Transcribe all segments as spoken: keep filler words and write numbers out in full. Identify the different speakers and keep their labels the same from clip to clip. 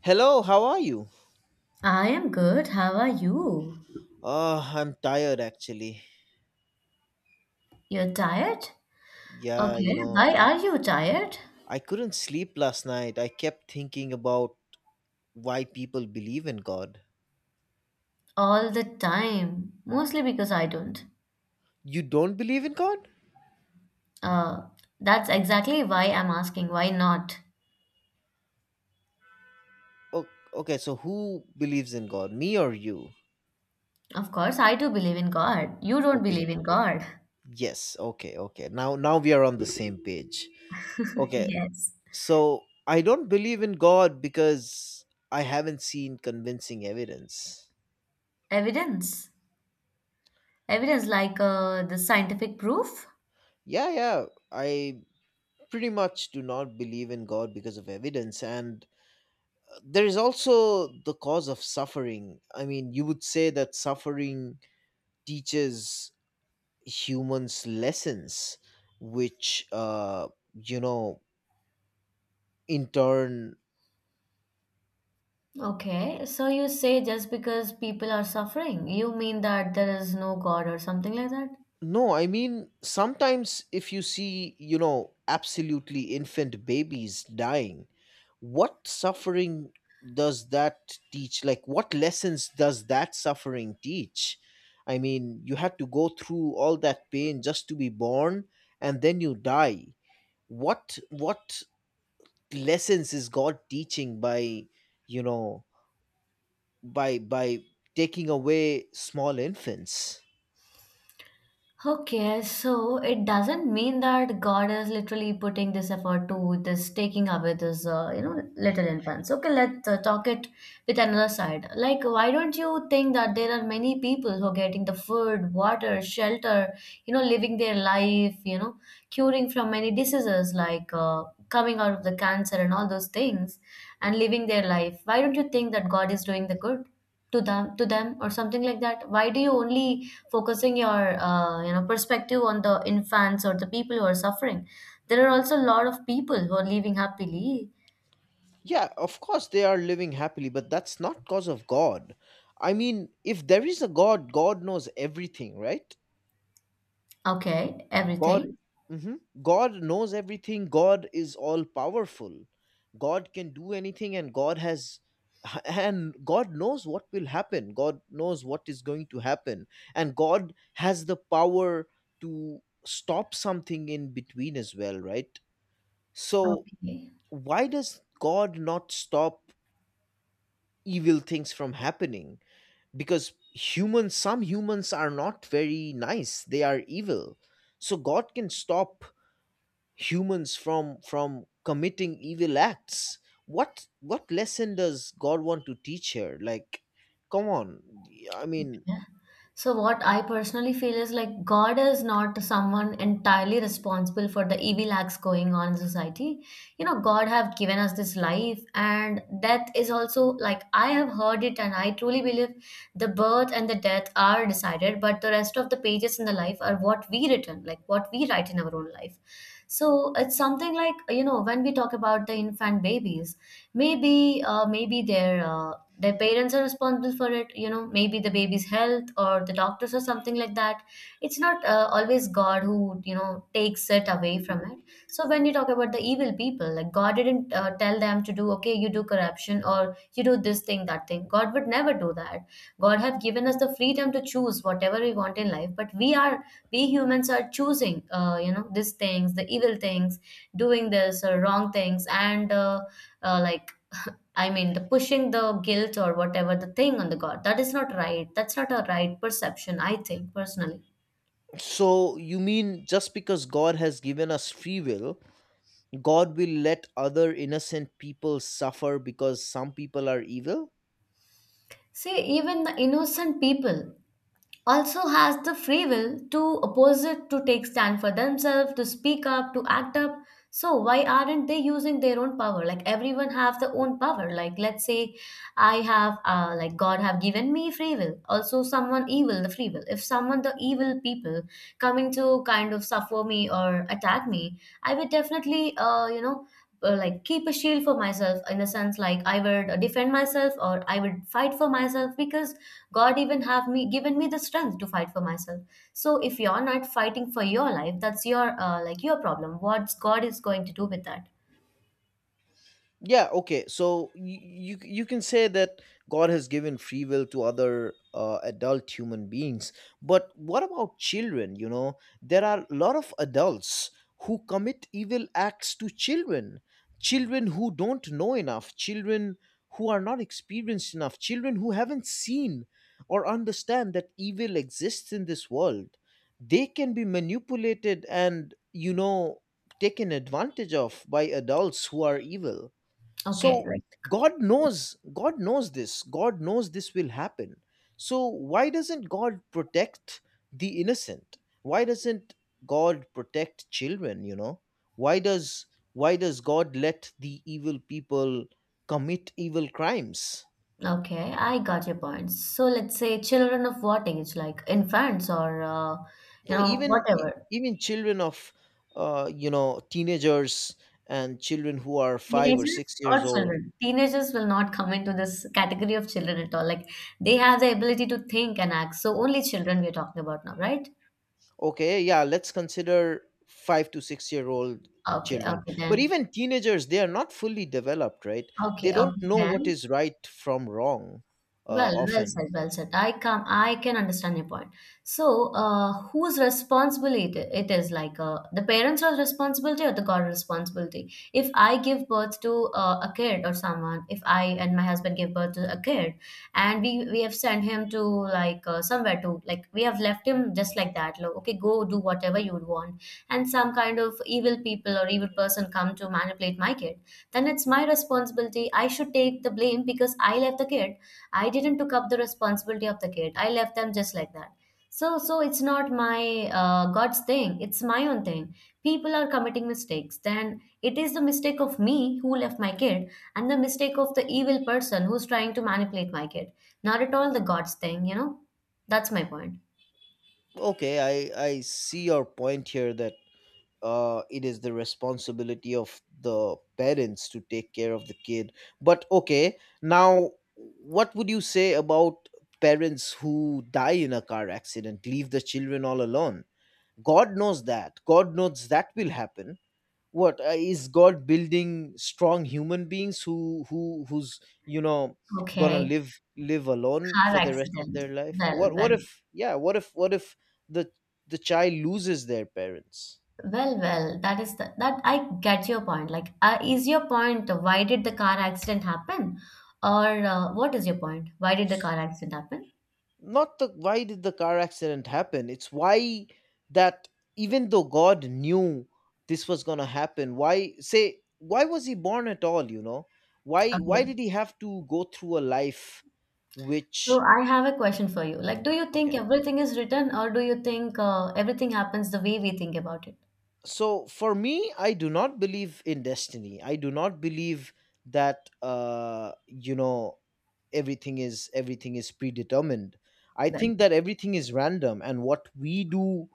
Speaker 1: Hello, how are you?
Speaker 2: I am good. How are you?
Speaker 1: Uh, I'm tired actually.
Speaker 2: You're tired?
Speaker 1: Yeah, you
Speaker 2: Okay.
Speaker 1: know,
Speaker 2: Why are you tired?
Speaker 1: I couldn't sleep last night. I kept thinking about why people believe in God.
Speaker 2: All the time. Mostly because I don't.
Speaker 1: You don't believe in God?
Speaker 2: Uh, that's exactly why I'm asking. Why not?
Speaker 1: Oh, okay, so who believes in God? Me or you?
Speaker 2: Of course, I do believe in God. You don't
Speaker 1: Okay,
Speaker 2: believe in God.
Speaker 1: yes. Okay, okay. Now now we are on the same page. Okay.
Speaker 2: Yes.
Speaker 1: So, I don't believe in God because I haven't seen convincing evidence.
Speaker 2: Evidence. Evidence like uh, the scientific proof.
Speaker 1: Yeah, yeah. I pretty much do not believe in God because of evidence and there is also the cause of suffering. I mean, you would say that suffering teaches humans lessons, which, uh, you know, in turn
Speaker 2: Okay. So you say just because people are suffering, you mean that there is no God or something like that?
Speaker 1: No, I mean, sometimes if you see, you know, absolutely infant babies dying, what suffering does that teach? Like, what lessons does that suffering teach? I mean, you had to go through all that pain just to be born and then you die. What, what lessons is God teaching by, you know, by, by taking away small infants?
Speaker 2: Okay, so it doesn't mean that God is literally putting this effort to this taking away this, uh, you know, little infants. Okay, let's uh, talk it with another side. Like, why don't you think that there are many people who are getting the food, water, shelter, you know, living their life, you know, curing from many diseases like uh, coming out of the cancer and all those things? And living their life, why don't you think that God is doing the good to them to them or something like that? Why do you only focusing your uh, you know perspective on the infants or the people who are suffering? There are also a lot of people who are living happily.
Speaker 1: Yeah, of course they are living happily, but that's not cause of God. I mean, if there is a God, God knows everything, right?
Speaker 2: Okay,
Speaker 1: God,
Speaker 2: everything.
Speaker 1: mhm. God knows everything. God is all powerful. God can do anything, and God has, and God knows what will happen. God knows what is going to happen, and God has the power to stop something in between as well, right? So
Speaker 2: Okay.
Speaker 1: why does God not stop evil things from happening because humans, some humans are not very nice, they are evil, so God can stop humans from from committing evil acts. What what lesson does God want to teach here? Like, come on. I mean
Speaker 2: Yeah. So, what I personally feel is like God is not someone entirely responsible for the evil acts going on in society. You know, God have given us this life, and death is also like I have heard it, and I truly believe the birth and the death are decided, but the rest of the pages in the life are what we written, like what we write in our own life. So it's something like, you know, when we talk about the infant babies, maybe uh, maybe their uh, their parents are responsible for it you know Maybe the baby's health or the doctors or something like that. It's not uh, always God who you know takes it away from it. So when you talk about the evil people, like God didn't uh, tell them to do, okay, you do corruption, or you do this thing, that thing. God would never do that. God have given us the freedom to choose whatever we want in life, but we are we humans are choosing uh, you know these things, the evil things, doing this or wrong things, and, uh, uh, like, I mean, the pushing the guilt or whatever the thing on the God. That is not right. That's not a right perception, I think, personally.
Speaker 1: So you mean just because God has given us free will, God will let other innocent people suffer because some people are evil?
Speaker 2: See, even the innocent people also has the free will to oppose it, to take stand for themselves, to speak up, to act up. So why aren't they using their own power? Like, everyone have their own power. Like, let's say I have, uh, like, God have given me free will. Also someone evil, the free will. If someone the evil people coming to kind of suffer me or attack me, I will definitely, uh, you know, uh, like, keep a shield for myself, in a sense, like I would defend myself or I would fight for myself, because God even have me given me the strength to fight for myself. So if you're not fighting for your life, that's your, uh, like, your problem. What's God is going to do with that?
Speaker 1: Yeah, okay, so you, you you can say that God has given free will to other uh, adult human beings, but what about children? You know, there are a lot of adults who commit evil acts to children, children who don't know enough, children who are not experienced enough, children who haven't seen or understand that evil exists in this world. They can be manipulated and, you know, taken advantage of by adults who are evil.
Speaker 2: Okay,
Speaker 1: So
Speaker 2: right.
Speaker 1: god knows god knows this god knows this will happen, so why doesn't God protect the innocent? Why doesn't God protect children? You know, why does why does God let the evil people commit evil crimes?
Speaker 2: Okay, I got your point. So let's say children of what age? Like infants or uh, you
Speaker 1: No,
Speaker 2: know
Speaker 1: even e-
Speaker 2: whatever.
Speaker 1: even children of uh, you know, teenagers and children who are five or
Speaker 2: Teenagers
Speaker 1: six
Speaker 2: or
Speaker 1: years old.
Speaker 2: children? Teenagers will not come into this category of children at all. Like, they have the ability to think and act. So only children we're talking about now, right?
Speaker 1: Okay, yeah, let's consider five to six year old
Speaker 2: Okay,
Speaker 1: children.
Speaker 2: okay
Speaker 1: But
Speaker 2: then.
Speaker 1: even teenagers, they are not fully developed, right? They
Speaker 2: Okay,
Speaker 1: don't
Speaker 2: okay
Speaker 1: know what
Speaker 2: then.
Speaker 1: is right from wrong, uh,
Speaker 2: Well, well
Speaker 1: often.
Speaker 2: said, well said. I come, I can understand your point. So, uh, whose responsibility it it is? Like, uh, the parents' are responsibility or the God responsibility? If I give birth to uh, a kid or someone, if I and my husband give birth to a kid, and we we have sent him to, like, uh, somewhere, to, like, we have left him just like that. Like, okay, go do whatever you want, and some kind of evil people or evil person come to manipulate my kid, then it's my responsibility. I should take the blame because I left the kid. I didn't took up the responsibility of the kid. I left them just like that. So so it's not my, uh, God's thing. It's my own thing. People are committing mistakes. Then it is the mistake of me who left my kid and the mistake of the evil person who's trying to manipulate my kid. Not at all the God's thing, you know? That's my point.
Speaker 1: Okay, I, I see your point here that uh, it is the responsibility of the parents to take care of the kid. But okay, now what would you say about parents who die in a car accident, leave the children all alone? God knows that. God knows that will happen. What uh, Is God building strong human beings who who who's you know gonna
Speaker 2: Okay,
Speaker 1: live live alone
Speaker 2: car
Speaker 1: for the rest of
Speaker 2: accident.
Speaker 1: their life?
Speaker 2: Well,
Speaker 1: what what
Speaker 2: well.
Speaker 1: if yeah what if what if the the child loses their parents?
Speaker 2: Well, well, that is the, that I get your point. Like, uh, is your point why did the car accident happen, or uh, what is your point? Why did the
Speaker 1: S-
Speaker 2: car accident happen?
Speaker 1: Not the why did the car accident happen, it's why, that even though God knew this was gonna happen, why say why was he born at all? You know, why why
Speaker 2: Okay.
Speaker 1: did he have to go through a life
Speaker 2: So
Speaker 1: which
Speaker 2: I have a question for you. Like, do you think
Speaker 1: Okay,
Speaker 2: everything is written, or do you think uh, everything happens the way we think about it?
Speaker 1: so for me, I do not believe in destiny. I do not believe that, uh you know, everything is everything is predetermined. I
Speaker 2: Well,
Speaker 1: think that everything is random and what we do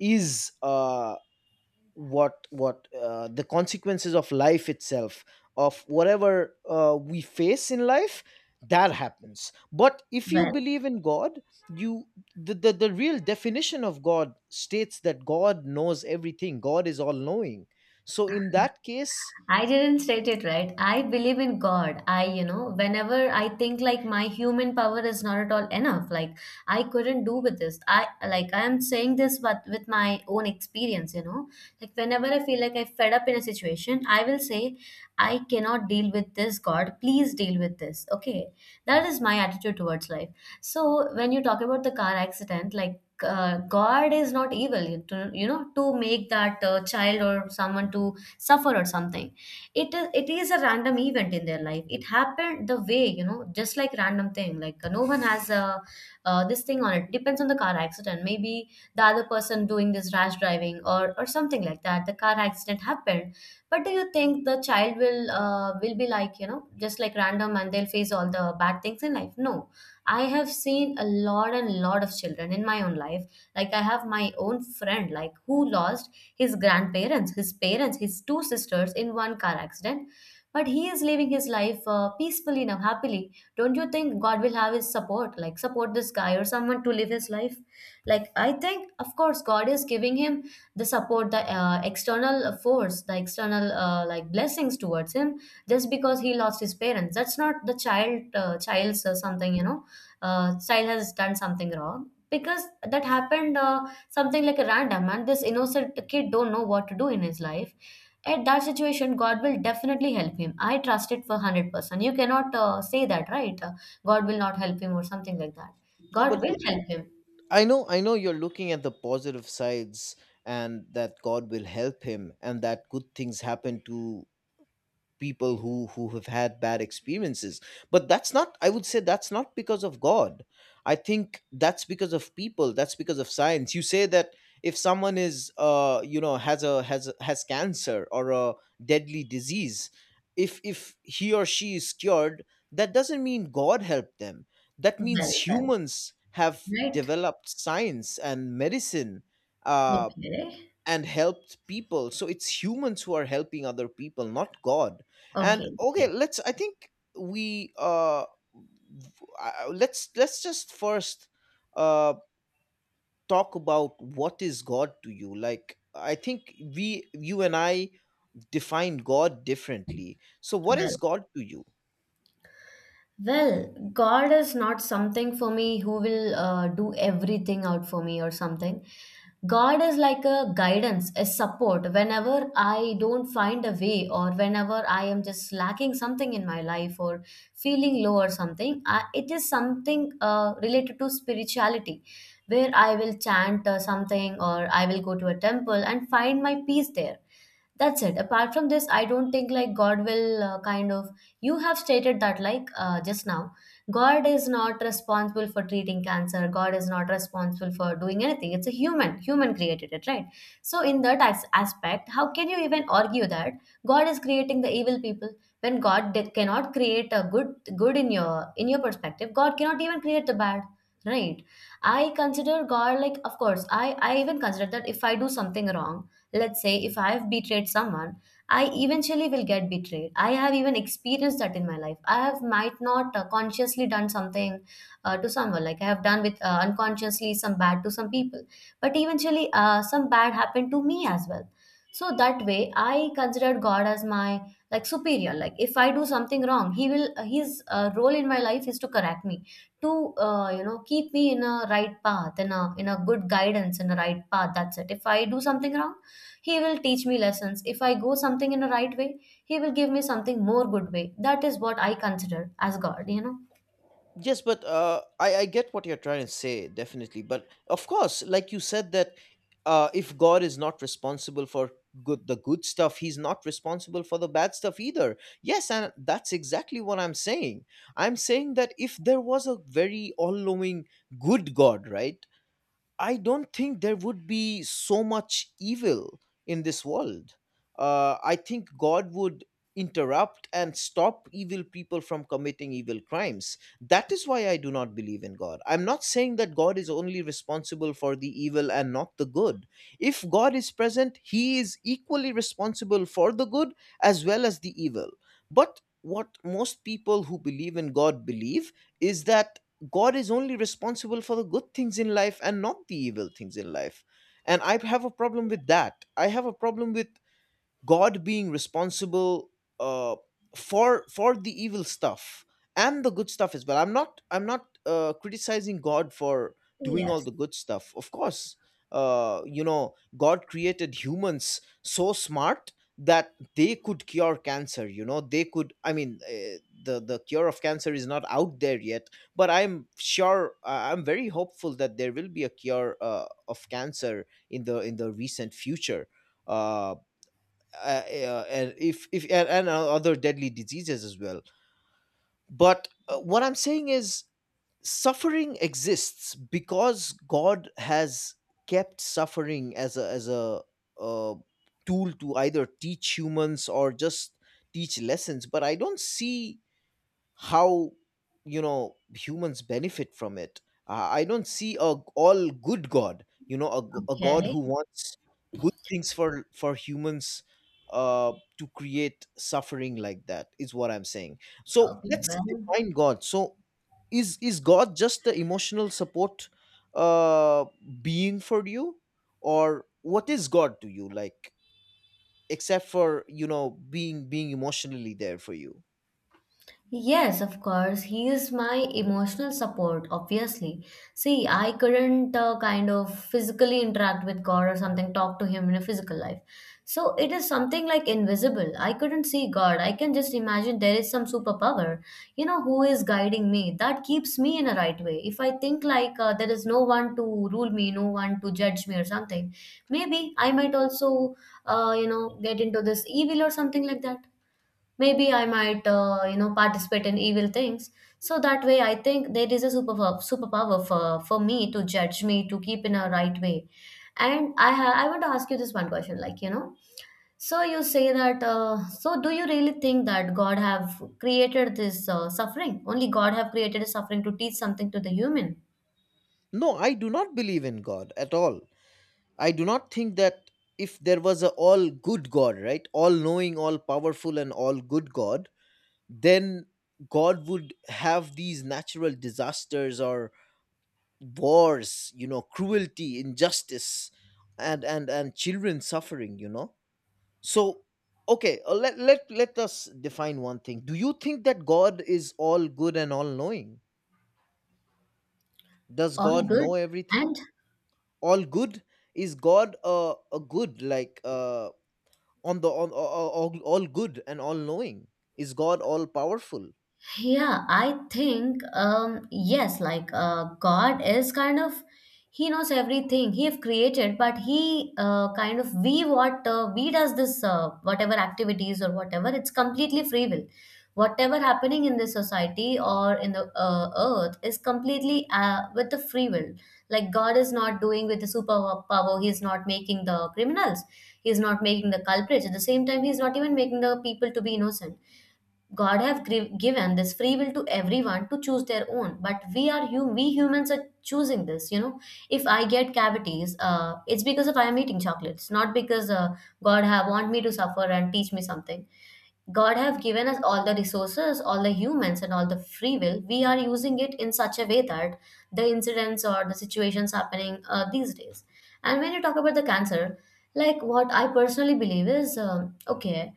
Speaker 1: is uh what what uh, the consequences of life itself, of whatever uh, we face in life, that happens. But if you
Speaker 2: well,
Speaker 1: believe in God, you, the, the the real definition of God states that God knows everything. God is all knowing, so in that case,
Speaker 2: I didn't state it right. I believe in God. I, you know, whenever I think like my human power is not at all enough, like, I couldn't do with this. I, like, I am saying this but with my own experience, you know. Like, whenever I feel like I fed up in a situation, I will say, I cannot deal with this, God. Please deal with this. Okay. That is my attitude towards life. So when you talk about the car accident, like, uh, God is not evil, you to, you know, to make that uh, child or someone to suffer or something. It is it is a random event in their life. It happened the way, you know, just like random thing, like uh, no one has, uh, uh, this thing on. It depends on the car accident, maybe the other person doing this rash driving, or or something like that, the car accident happened. But do you think the child will uh, will be like, you know just like random, and they'll face all the bad things in life? No. I have seen a lot and lot of children in my own life. Like, I have my own friend, like, who lost his grandparents, his parents, his two sisters in one car accident. But he is living his life uh, peacefully now, happily. Don't you think God will have his support? Like, support this guy or someone to live his life? Like, I think, of course, God is giving him the support, the uh, external force, the external, uh, like, blessings towards him. Just because he lost his parents, that's not the child, uh, child's, uh, something, you know, uh, child has done something wrong because that happened. Uh, something like a random, and this innocent kid don't know what to do in his life. At that situation, God will definitely help him. I trust it for one hundred percent. You cannot uh, say that, right? Uh, god will not help him or something like that.
Speaker 1: yeah.
Speaker 2: God
Speaker 1: But
Speaker 2: will help him.
Speaker 1: I know, I know you're looking at the positive sides and that God will help him, and that good things happen to people who who have had bad experiences. But that's not, I would say that's not because of God. I think that's because of people, that's because of science. You say that if someone is, uh you know, has a has a- has cancer or a deadly disease, if if he or she is cured, that doesn't mean God helped them. That
Speaker 2: Well,
Speaker 1: means
Speaker 2: well,
Speaker 1: humans have
Speaker 2: right.
Speaker 1: developed science and medicine, uh
Speaker 2: Okay,
Speaker 1: and helped people. So it's humans who are helping other people, not God. And
Speaker 2: okay,
Speaker 1: okay,
Speaker 2: okay.
Speaker 1: let's I think we uh v- I- let's let's just first uh talk about what is God to you. Like, I think we you and I define God differently, so what is
Speaker 2: Well,
Speaker 1: God to you?
Speaker 2: Well, God is not something for me who will uh, do everything out for me or something. God is like a guidance, a support. Whenever I don't find a way, or whenever I am just lacking something in my life or feeling low or something, I, it is something uh, related to spirituality, where I will chant uh, something or I will go to a temple and find my peace there. That's it. Apart from this, I don't think like God will, uh, kind of — you have stated that, like, uh, just now, God is not responsible for treating cancer. God is not responsible for doing anything. It's a human. Human created it, right? So, in that as- aspect, how can you even argue that God is creating the evil people when God did, cannot create a good good in your in your perspective? God cannot even create the bad, right? I consider God like, of course, I I even consider that if I do something wrong, let's say if I've betrayed someone, I eventually will get betrayed. I have even experienced that in my life. I have might not uh, consciously done something uh, to someone, like I have done with uh, unconsciously some bad to some people, but eventually uh, some bad happened to me as well. So that way, I considered God as my, like, superior. Like, if I do something wrong, He will uh, His uh, role in my life is to correct me, to uh, you know keep me in a right path, in a in a good guidance, in a right path. That's it. If I do something wrong, he will teach me lessons. If I go something in a right way, he will give me something more good way. That is what I consider as God, you know?
Speaker 1: Yes, but uh, I, I get what you're trying to say, definitely. But of course, like you said, that uh, if God is not responsible for good the good stuff, He's not responsible for the bad stuff either. Yes, and that's exactly what I'm saying. I'm saying that if there was a very all-knowing good God, right? I don't think there would be so much evil in this world. Uh, I think God would interrupt and stop evil people from committing evil crimes. That is why I do not believe in God. I'm not saying that God is only responsible for the evil and not the good. If God is present, He is equally responsible for the good as well as the evil. But what most people who believe in God believe is that God is only responsible for the good things in life and not the evil things in life. And I have a problem with that. I have a problem with God being responsible, uh, for for the evil stuff and the good stuff as well. I'm not I'm not uh, criticizing God for doing all
Speaker 2: Yes.
Speaker 1: the good stuff. Of course, uh, you know, God created humans so smart that they could cure cancer. You know they could. I mean, uh, the the cure of cancer is not out there yet, but I'm sure, uh, I'm very hopeful that there will be a cure uh, of cancer in the in the recent future. Uh, uh, uh, and if, if and, and other deadly diseases as well. But uh, what I'm saying is, suffering exists because God has kept suffering as a as a uh, tool to either teach humans or just teach lessons. But I don't see how, you know, humans benefit from it. uh, I don't see a g- all good God, you know, a, g- a God
Speaker 2: Okay.
Speaker 1: who wants good things for for humans uh to create suffering. Like, that is what I'm saying. So
Speaker 2: Okay.
Speaker 1: let's
Speaker 2: Well,
Speaker 1: define God. So is is God just the emotional support, uh being for you, or what is God to you? Like, except for, you know, being, being emotionally there for you.
Speaker 2: yes, of course. He is my emotional support, obviously. See, I couldn't uh, kind of physically interact with God or something, talk to Him in a physical life. So it is something like invisible. I couldn't see God. I can just imagine there is some superpower, you know, who is guiding me. That keeps me in a right way. If I think like uh, there is no one to rule me, no one to judge me or something, maybe I might also, uh, you know, get into this evil or something like that. Maybe I might uh, you know participate in evil things. So that way I think there is a superpower superpower for, for me to judge me, to keep in a right way. And i ha- i want to ask you this one question like you know So you say that uh, so do you really think that God have created this uh, suffering? Only God have created a suffering to teach something to the human?
Speaker 1: No, I do not believe in God at all. I do not think that if there was a all good God, right, all knowing, all powerful, and all good God, then God would have these natural disasters or wars, you know, cruelty, injustice, and and and children suffering, you know. So, okay, uh, let, let let us define one thing. Do you think that God is all good and all knowing? Does
Speaker 2: All
Speaker 1: God
Speaker 2: good
Speaker 1: know everything?
Speaker 2: and.
Speaker 1: All good. Is God a a good, like, uh, on the on, all, all all good and all knowing? Is God all powerful?
Speaker 2: Yeah, I think um yes, like uh, God is kind of he knows everything he have created, but he uh, kind of we what uh, we does this uh, whatever activities or whatever it's completely free will. Whatever happening in the society or in the uh, earth is completely uh, with the free will. Like God is not doing with the super power. He is not making the criminals. He is not making the culprits. At the same time, he is not even making the people to be innocent. God have gri- given this free will to everyone to choose their own, but we are hum- we humans are choosing this. You know, if I get cavities, uh, it's because of I am eating chocolates, not because uh, God have want me to suffer and teach me something. God have given us all the resources, all the humans, and all the free will. We are using it in such a way that the incidents or the situations happening uh, these days. And when you talk about the cancer, like what I personally believe is um okay.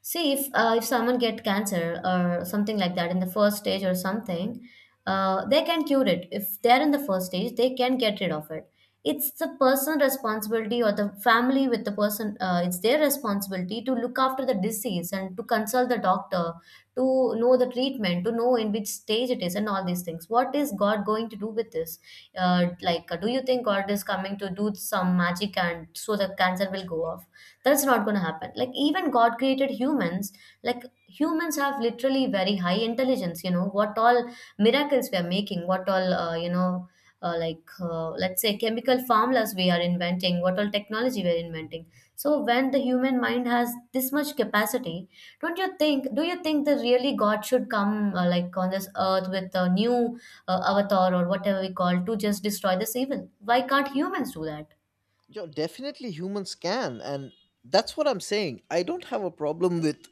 Speaker 2: See, if uh, if someone get cancer or something like that in the first stage or something, uh, they can cure it. If they're in the first stage, they can get rid of it. It's the person responsibility or the family with the person. Uh, it's their responsibility to look after the disease and to consult the doctor, to know the treatment, to know in which stage it is, and all these things. What is God going to do with this? Uh, like, uh, do you think God is coming to do some magic and so the cancer will go off? That's not going to happen. Like, even God created humans, like, humans have literally very high intelligence. You know what all miracles we are making, what all uh, you know uh, like uh, let's say chemical formulas we are inventing, what all technology we are inventing. So when the human mind has this much capacity, don't you think do you think that really God should come uh, like on this earth with a new uh, avatar or whatever we call to just destroy this evil. Why can't humans do that?
Speaker 1: Yo, definitely humans can, and that's what I'm saying. I don't have a problem with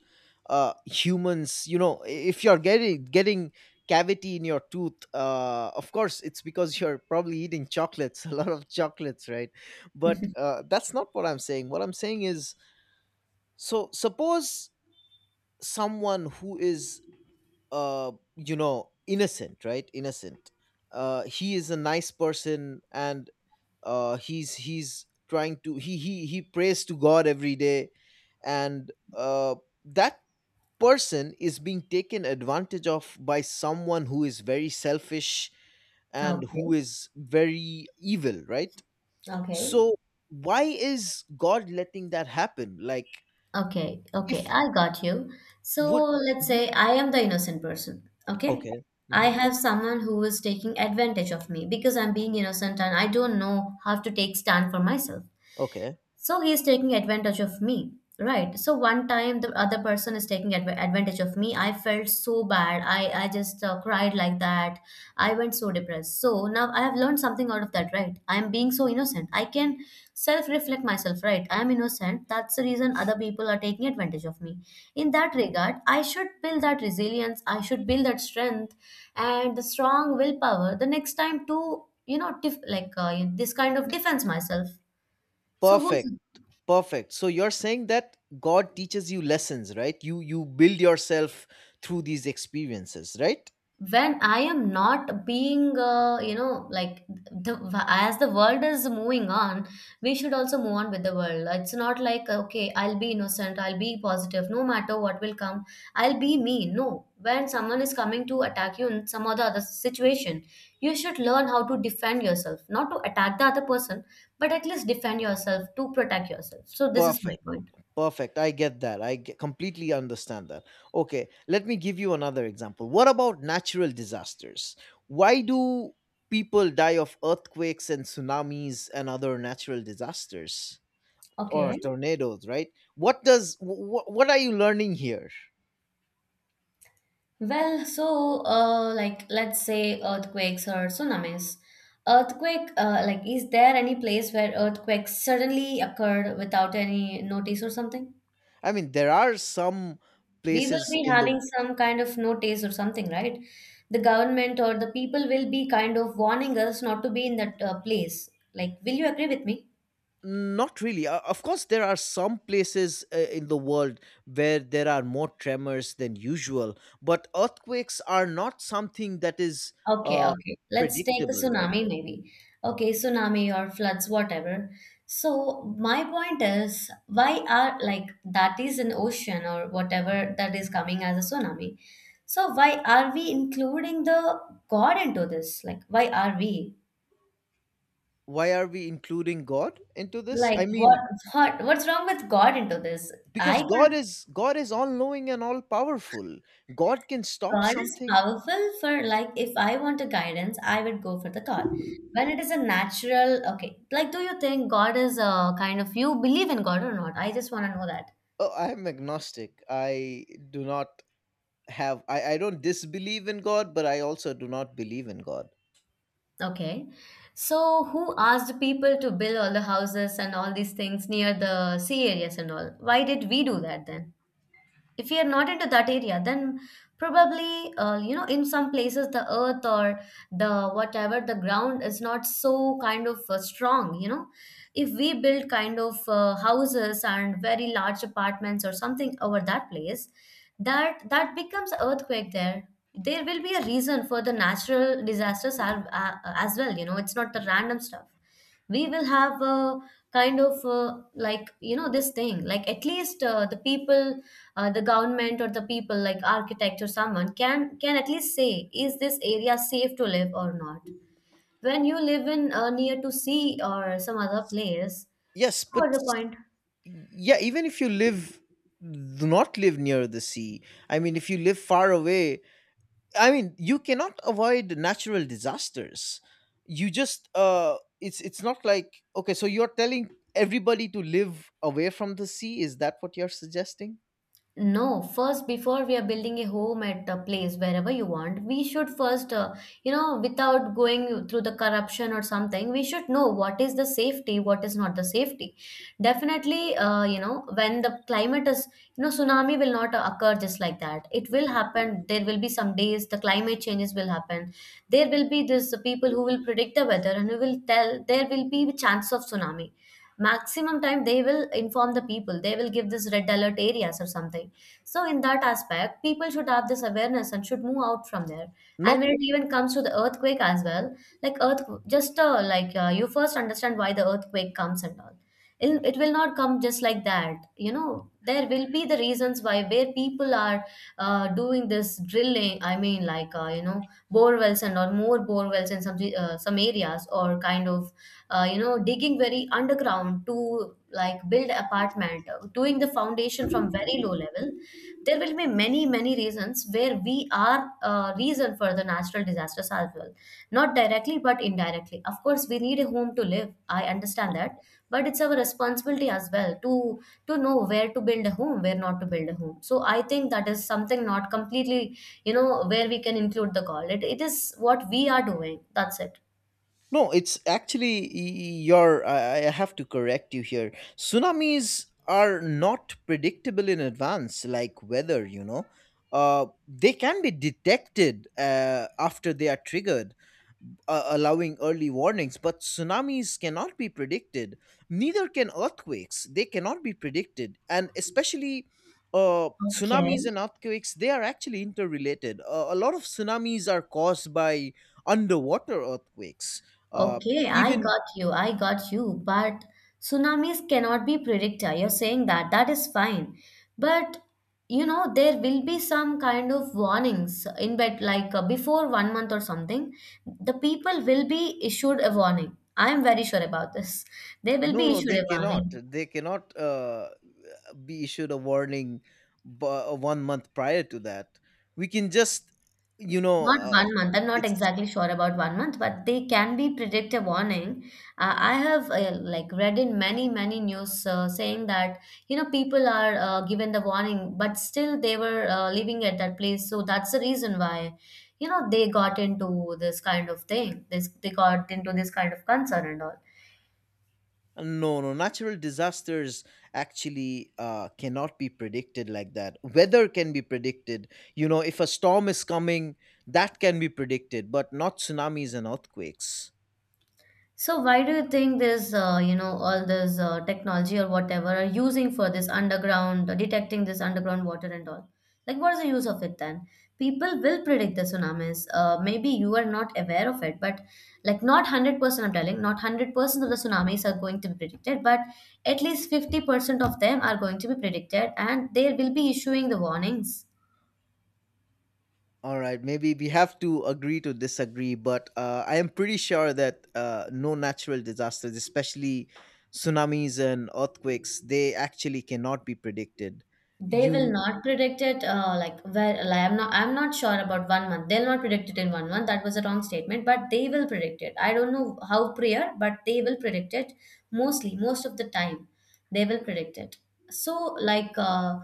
Speaker 1: uh humans. You know, I- if you're getting getting cavity in your tooth, uh of course it's because you're probably eating chocolates a lot of chocolates, right? But uh that's not what I'm saying. What I'm saying is, so suppose someone who is, uh, you know, innocent, right? Innocent. Uh, he is a nice person, and uh, he's he's trying to he he he prays to God every day, and uh, that person is being taken advantage of by someone who is very selfish and who
Speaker 2: Okay,
Speaker 1: is very evil, right?
Speaker 2: okay.
Speaker 1: So why is God letting that happen? Like,
Speaker 2: Okay, okay,
Speaker 1: if
Speaker 2: I got you. So
Speaker 1: would
Speaker 2: let's
Speaker 1: mhm.
Speaker 2: say I am the innocent person, okay?
Speaker 1: Okay,
Speaker 2: I
Speaker 1: hmm.
Speaker 2: have someone who is taking advantage of me because I'm being innocent and I don't know how to take stand for myself.
Speaker 1: Okay,
Speaker 2: So he is taking advantage of me, right? So one time the other person is taking adv- advantage of me. I felt so bad. I, I just uh, cried like that. I went so depressed. So now I have learned something out of that, right? I'm being so innocent. I can self reflect myself, right? I'm innocent. That's the reason other people are taking advantage of me. In that regard, I should build that resilience. I should build that strength and the strong willpower the next time to, you know, def- like uh, this kind of defense myself. So
Speaker 1: perfect.
Speaker 2: who's
Speaker 1: Perfect. So you're saying that God teaches you lessons, right? You you build yourself through these experiences, right?
Speaker 2: when I am not being uh, you know, like, the, as the world is moving on, we should also move on with the world. It's not like, okay, I'll be innocent, I'll be positive no matter what will come, I'll be me. No, when someone is coming to attack you in some other other situation, you should learn how to defend yourself, not to attack the other person, but at least defend yourself to protect yourself. So this is my
Speaker 1: Perfect.
Speaker 2: point.
Speaker 1: Perfect. I get that. I ge- completely understand that. Okay, let me give you another example. What about natural disasters? Why do people die of earthquakes and tsunamis and other natural disasters or
Speaker 2: Okay.
Speaker 1: tornadoes, right? What does, wh- wh- what are you learning here?
Speaker 2: Well, so uh, like let's say earthquakes or tsunamis. Earthquake, uh, like is there any place where earthquakes suddenly occurred without any notice or something?
Speaker 1: I mean, there are some
Speaker 2: We will
Speaker 1: places
Speaker 2: be
Speaker 1: in the
Speaker 2: having some kind of notice or something, right? The government or the people will be kind of warning us not to be in that uh, place. Like, will you agree with me?
Speaker 1: Not really. Uh, of course, there are some places uh, in the world where there are more tremors than usual, but earthquakes are not something that is
Speaker 2: Okay,
Speaker 1: uh,
Speaker 2: okay. Let's take a
Speaker 1: predictable, right?
Speaker 2: tsunami maybe. Okay, tsunami or floods, whatever. So my point is, why are like that is an ocean or whatever that is coming as a tsunami? So why are we including the God into this? Like why are we?
Speaker 1: Why are we including God into this?
Speaker 2: Like
Speaker 1: I
Speaker 2: what
Speaker 1: mean,
Speaker 2: what what's wrong with God into this? I
Speaker 1: because God
Speaker 2: can't.
Speaker 1: is God is all knowing and all powerful. God can stop
Speaker 2: God is
Speaker 1: something.
Speaker 2: powerful for like if I want a guidance, I would go for the God. When it is a natural, okay. Like, do you think God is a kind of you believe in God or not? I just want to know that.
Speaker 1: Oh, I'm agnostic. I do not have. I, I don't disbelieve in God, but I also do not believe in God.
Speaker 2: Okay. So who asked people to build all the houses and all these things near the sea areas and all? Why did we do that then? If we are not into that area, then probably uh, you know, in some places the earth or the whatever the ground is not so kind of uh, strong, you know. If we build kind of uh, houses and very large apartments or something over that place, that that becomes earthquake there. There will be a reason for the natural disasters as, as well, you know, it's not the random stuff. We will have a kind of uh, like you know this thing, like at least uh, the people uh, the government or the people like architect or someone can can at least say is this area safe to live or not when you live in uh, near to sea or some other place.
Speaker 1: Yes,
Speaker 2: So what's
Speaker 1: but
Speaker 2: the point?
Speaker 1: yeah, even if you live do not live near the sea. I mean, if you live far away, I mean, you cannot avoid natural disasters. You just uh it's it's not like okay, so you're telling everybody to live away from the sea, is that what you're suggesting?
Speaker 2: No, first, before we are building a home at a place wherever you want, we should first, uh, you know, without going through the corruption or something, we should know what is the safety, what is not the safety. Definitely, uh, you know, when the climate is, you know, tsunami will not occur just like that. It will happen. There will be some days the climate changes will happen. There will be this people who will predict the weather and who will tell there will be chance of tsunami. Maximum time they will inform the people. They will give this red alert areas or something. So in that aspect, people should have this awareness and should move out from there. And
Speaker 1: Not
Speaker 2: when it even comes to the earthquake as well, like earth just uh, like uh, you first understand why the earthquake comes and all. It, it will not come just like that, you know. There will be the reasons why where people are uh, doing this drilling. I mean, like uh, you know, bore wells and or more bore wells in some uh, some areas, or kind of uh, you know digging very underground to like build apartment uh, doing the foundation from very low level. There will be many many reasons where we are uh, reason for the natural disasters as well, not directly but indirectly. Of course, we need a home to live. I understand that, but it's our responsibility as well to to know where to build a home, where not to build a home. So I think that is something not completely, you know, where we can include the call it, it is what we are doing, that's it.
Speaker 1: no, it's actually your. I I have to correct you here. Tsunamis are not predictable in advance, like weather. You know, uh, they can be detected uh, after they are triggered, uh, allowing early warnings, but tsunamis cannot be predicted. Neither can earthquakes. They cannot be predicted. And especially uh,
Speaker 2: Okay.
Speaker 1: tsunamis and earthquakes, they are actually interrelated. Uh, a lot of tsunamis are caused by underwater earthquakes. Uh,
Speaker 2: Okay, I
Speaker 1: even,
Speaker 2: got you. I got you. But tsunamis cannot be predictor. You're saying that. That is fine. But you know, there will be some kind of warnings in bed, like uh, before one month or something. The people will be issued a warning. I am very sure about this. They will
Speaker 1: no,
Speaker 2: be
Speaker 1: no,
Speaker 2: issued
Speaker 1: they
Speaker 2: a
Speaker 1: cannot.
Speaker 2: warning.
Speaker 1: They cannot uh, be issued a warning bu- uh, one month prior to that. We can just, you know,
Speaker 2: Not
Speaker 1: uh,
Speaker 2: one month. I'm not
Speaker 1: it's
Speaker 2: exactly sure about one month, but they can be predictive warning. Uh, I have uh, like read in many many news uh, saying that you know people are uh, given the warning, but still they were uh, living at that place. So that's the reason why you know they got into this kind of thing. This they got into this kind of concern and all.
Speaker 1: no, no, natural disasters actually uh, cannot be predicted like that. Weather can be predicted. You know, if a storm is coming, that can be predicted, but not tsunamis and earthquakes.
Speaker 2: So why do you think this, uh, you know, all this uh, technology or whatever are using for this underground, uh, detecting this underground water and all? Like, what is the use of it then? People will predict the tsunamis. Uh, maybe you are not aware of it, but like not one hundred percent, I'm telling, not one hundred percent of the tsunamis are going to be predicted, but at least fifty percent of them are going to be predicted and they will be issuing the warnings.
Speaker 1: All right, maybe we have to agree to disagree, but uh, I am pretty sure that uh, no natural disasters, especially tsunamis and earthquakes, they actually cannot be predicted.
Speaker 2: They will
Speaker 1: You
Speaker 2: not predict it. Uh, like where like, I'm not. I'm not sure about one month. They'll not predict it in one month. That was a wrong statement. But they will predict it. I don't know how prior, but they will predict it. Mostly, most of the time, they will predict it. So like. Uh,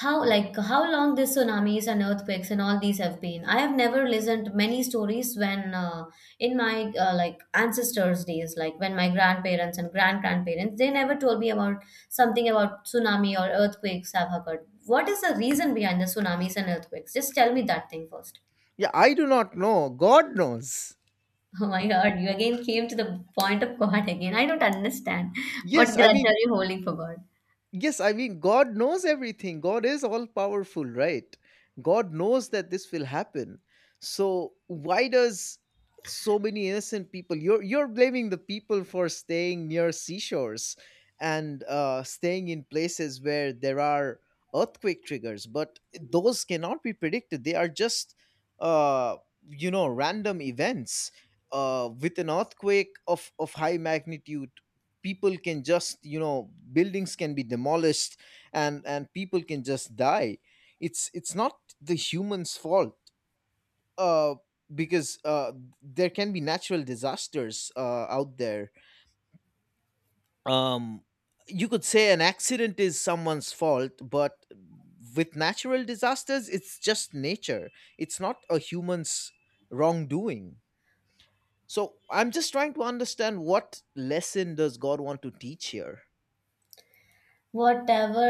Speaker 2: how like how long these tsunamis and earthquakes and all these have been? I have never listened many stories when uh, in my uh, like ancestors' days, like when my grandparents and grand grandparents, they never told me about something about tsunami or earthquakes have occurred. What is the reason behind the tsunamis and earthquakes? Just tell me that thing first.
Speaker 1: yeah, I do not know. God knows.
Speaker 2: Oh my God, you again came to the point of God again. I don't understand.
Speaker 1: Yes,
Speaker 2: What grudge
Speaker 1: I mean,
Speaker 2: are you holding for God?
Speaker 1: Yes, I mean, God knows everything. God is all powerful, right? God knows that this will happen. So why does so many innocent people you're you're blaming the people for staying near seashores and uh, staying in places where there are earthquake triggers, but those cannot be predicted. They are just uh, you know random events. Uh, with an earthquake of, of high magnitude, people can just, you know, buildings can be demolished, and and people can just die. It's it's not the humans fault, uh because uh there can be natural disasters uh out there. um you could say an accident is someone's fault, but with natural disasters it's just nature. It's not a human's wrongdoing. So I'm just trying to understand what lesson does God want to teach here.
Speaker 2: whatever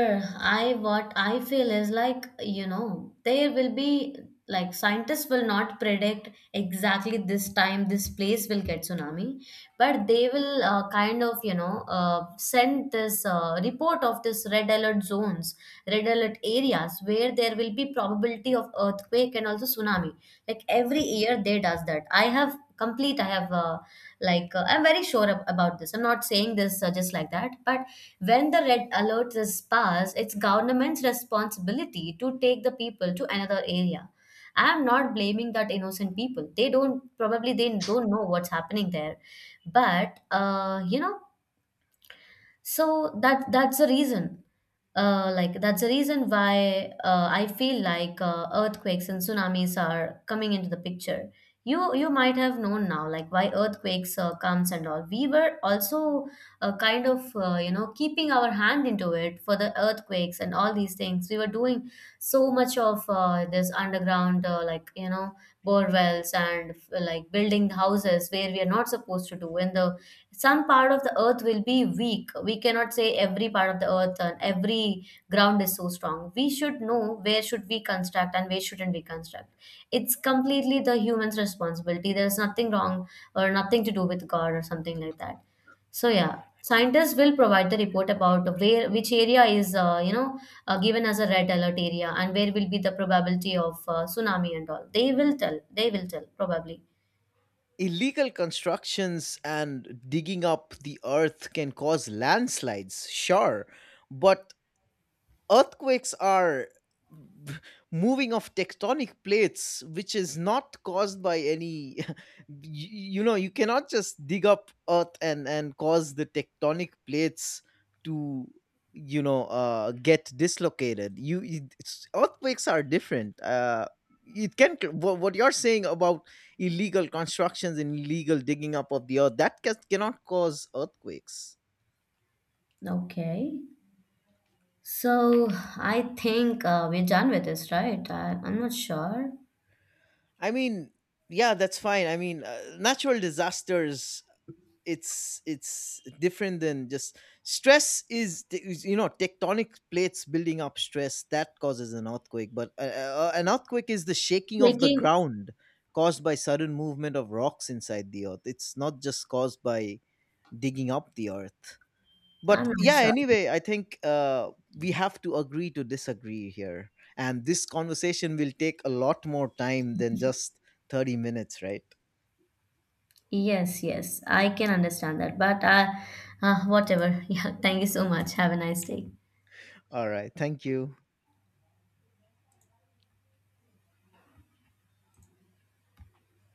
Speaker 2: i what i feel is like you know there will be like scientists will not predict exactly this time this place will get tsunami, but they will uh, kind of you know uh, send this uh, report of this red alert zones, red alert areas where there will be probability of earthquake and also tsunami. Like every year they does that. i have complete I have uh, like uh, I'm very sure ab- about this. I'm not saying this uh, just like that, but when the red alert is passed, it's government's responsibility to take the people to another area. I am not blaming that innocent people. They don't, probably they don't know what's happening there, but uh, you know so that that's the reason, uh, like that's the reason why uh, I feel like uh, earthquakes and tsunamis are coming into the picture. You you might have known now like why earthquakes uh, comes and all. We were also uh, kind of uh, you know keeping our hand into it. For the earthquakes and all these things, we were doing so much of uh, this underground, uh, like you know bore wells and like building houses where we are not supposed to do. In the some part of the earth will be weak, we cannot say every part of the earth and every ground is so strong. We should know where should we construct and where shouldn't we construct. It's completely the human's responsibility. There's nothing wrong or nothing to do with god or something like that. So yeah, scientists will provide the report about where which area is, uh, you know uh, given as a red alert area, and where will be the probability of uh, tsunami and all. They will tell, they will tell probably.
Speaker 1: Illegal constructions and digging up the earth can cause landslides, sure, but earthquakes are moving of tectonic plates, which is not caused by any y- you know, you cannot just dig up earth and and cause the tectonic plates to, you know, uh get dislocated. You it- it's, earthquakes are different, uh it can. What what you're saying about illegal constructions and illegal digging up of the earth that ca- cannot cause earthquakes.
Speaker 2: Okay. So I think uh, we're done with this, right? I, I'm not sure.
Speaker 1: I mean, yeah, that's fine. I mean, uh, natural disasters, it's it's different than just stress. Is t- is, you know, tectonic plates building up stress that causes an earthquake. But uh, uh, an earthquake is the shaking of the
Speaker 2: Taking.
Speaker 1: ground caused by sudden movement of rocks inside the earth. It's not just caused by digging up the earth. But
Speaker 2: I'm not
Speaker 1: yeah,
Speaker 2: sure.
Speaker 1: anyway, I think uh, we have to agree to disagree here, and this conversation will take a lot more time than just thirty minutes, right?
Speaker 2: Yes, yes, I can understand that. But uh, uh, whatever. Yeah, thank you so much. Have a nice day.
Speaker 1: All right, thank you.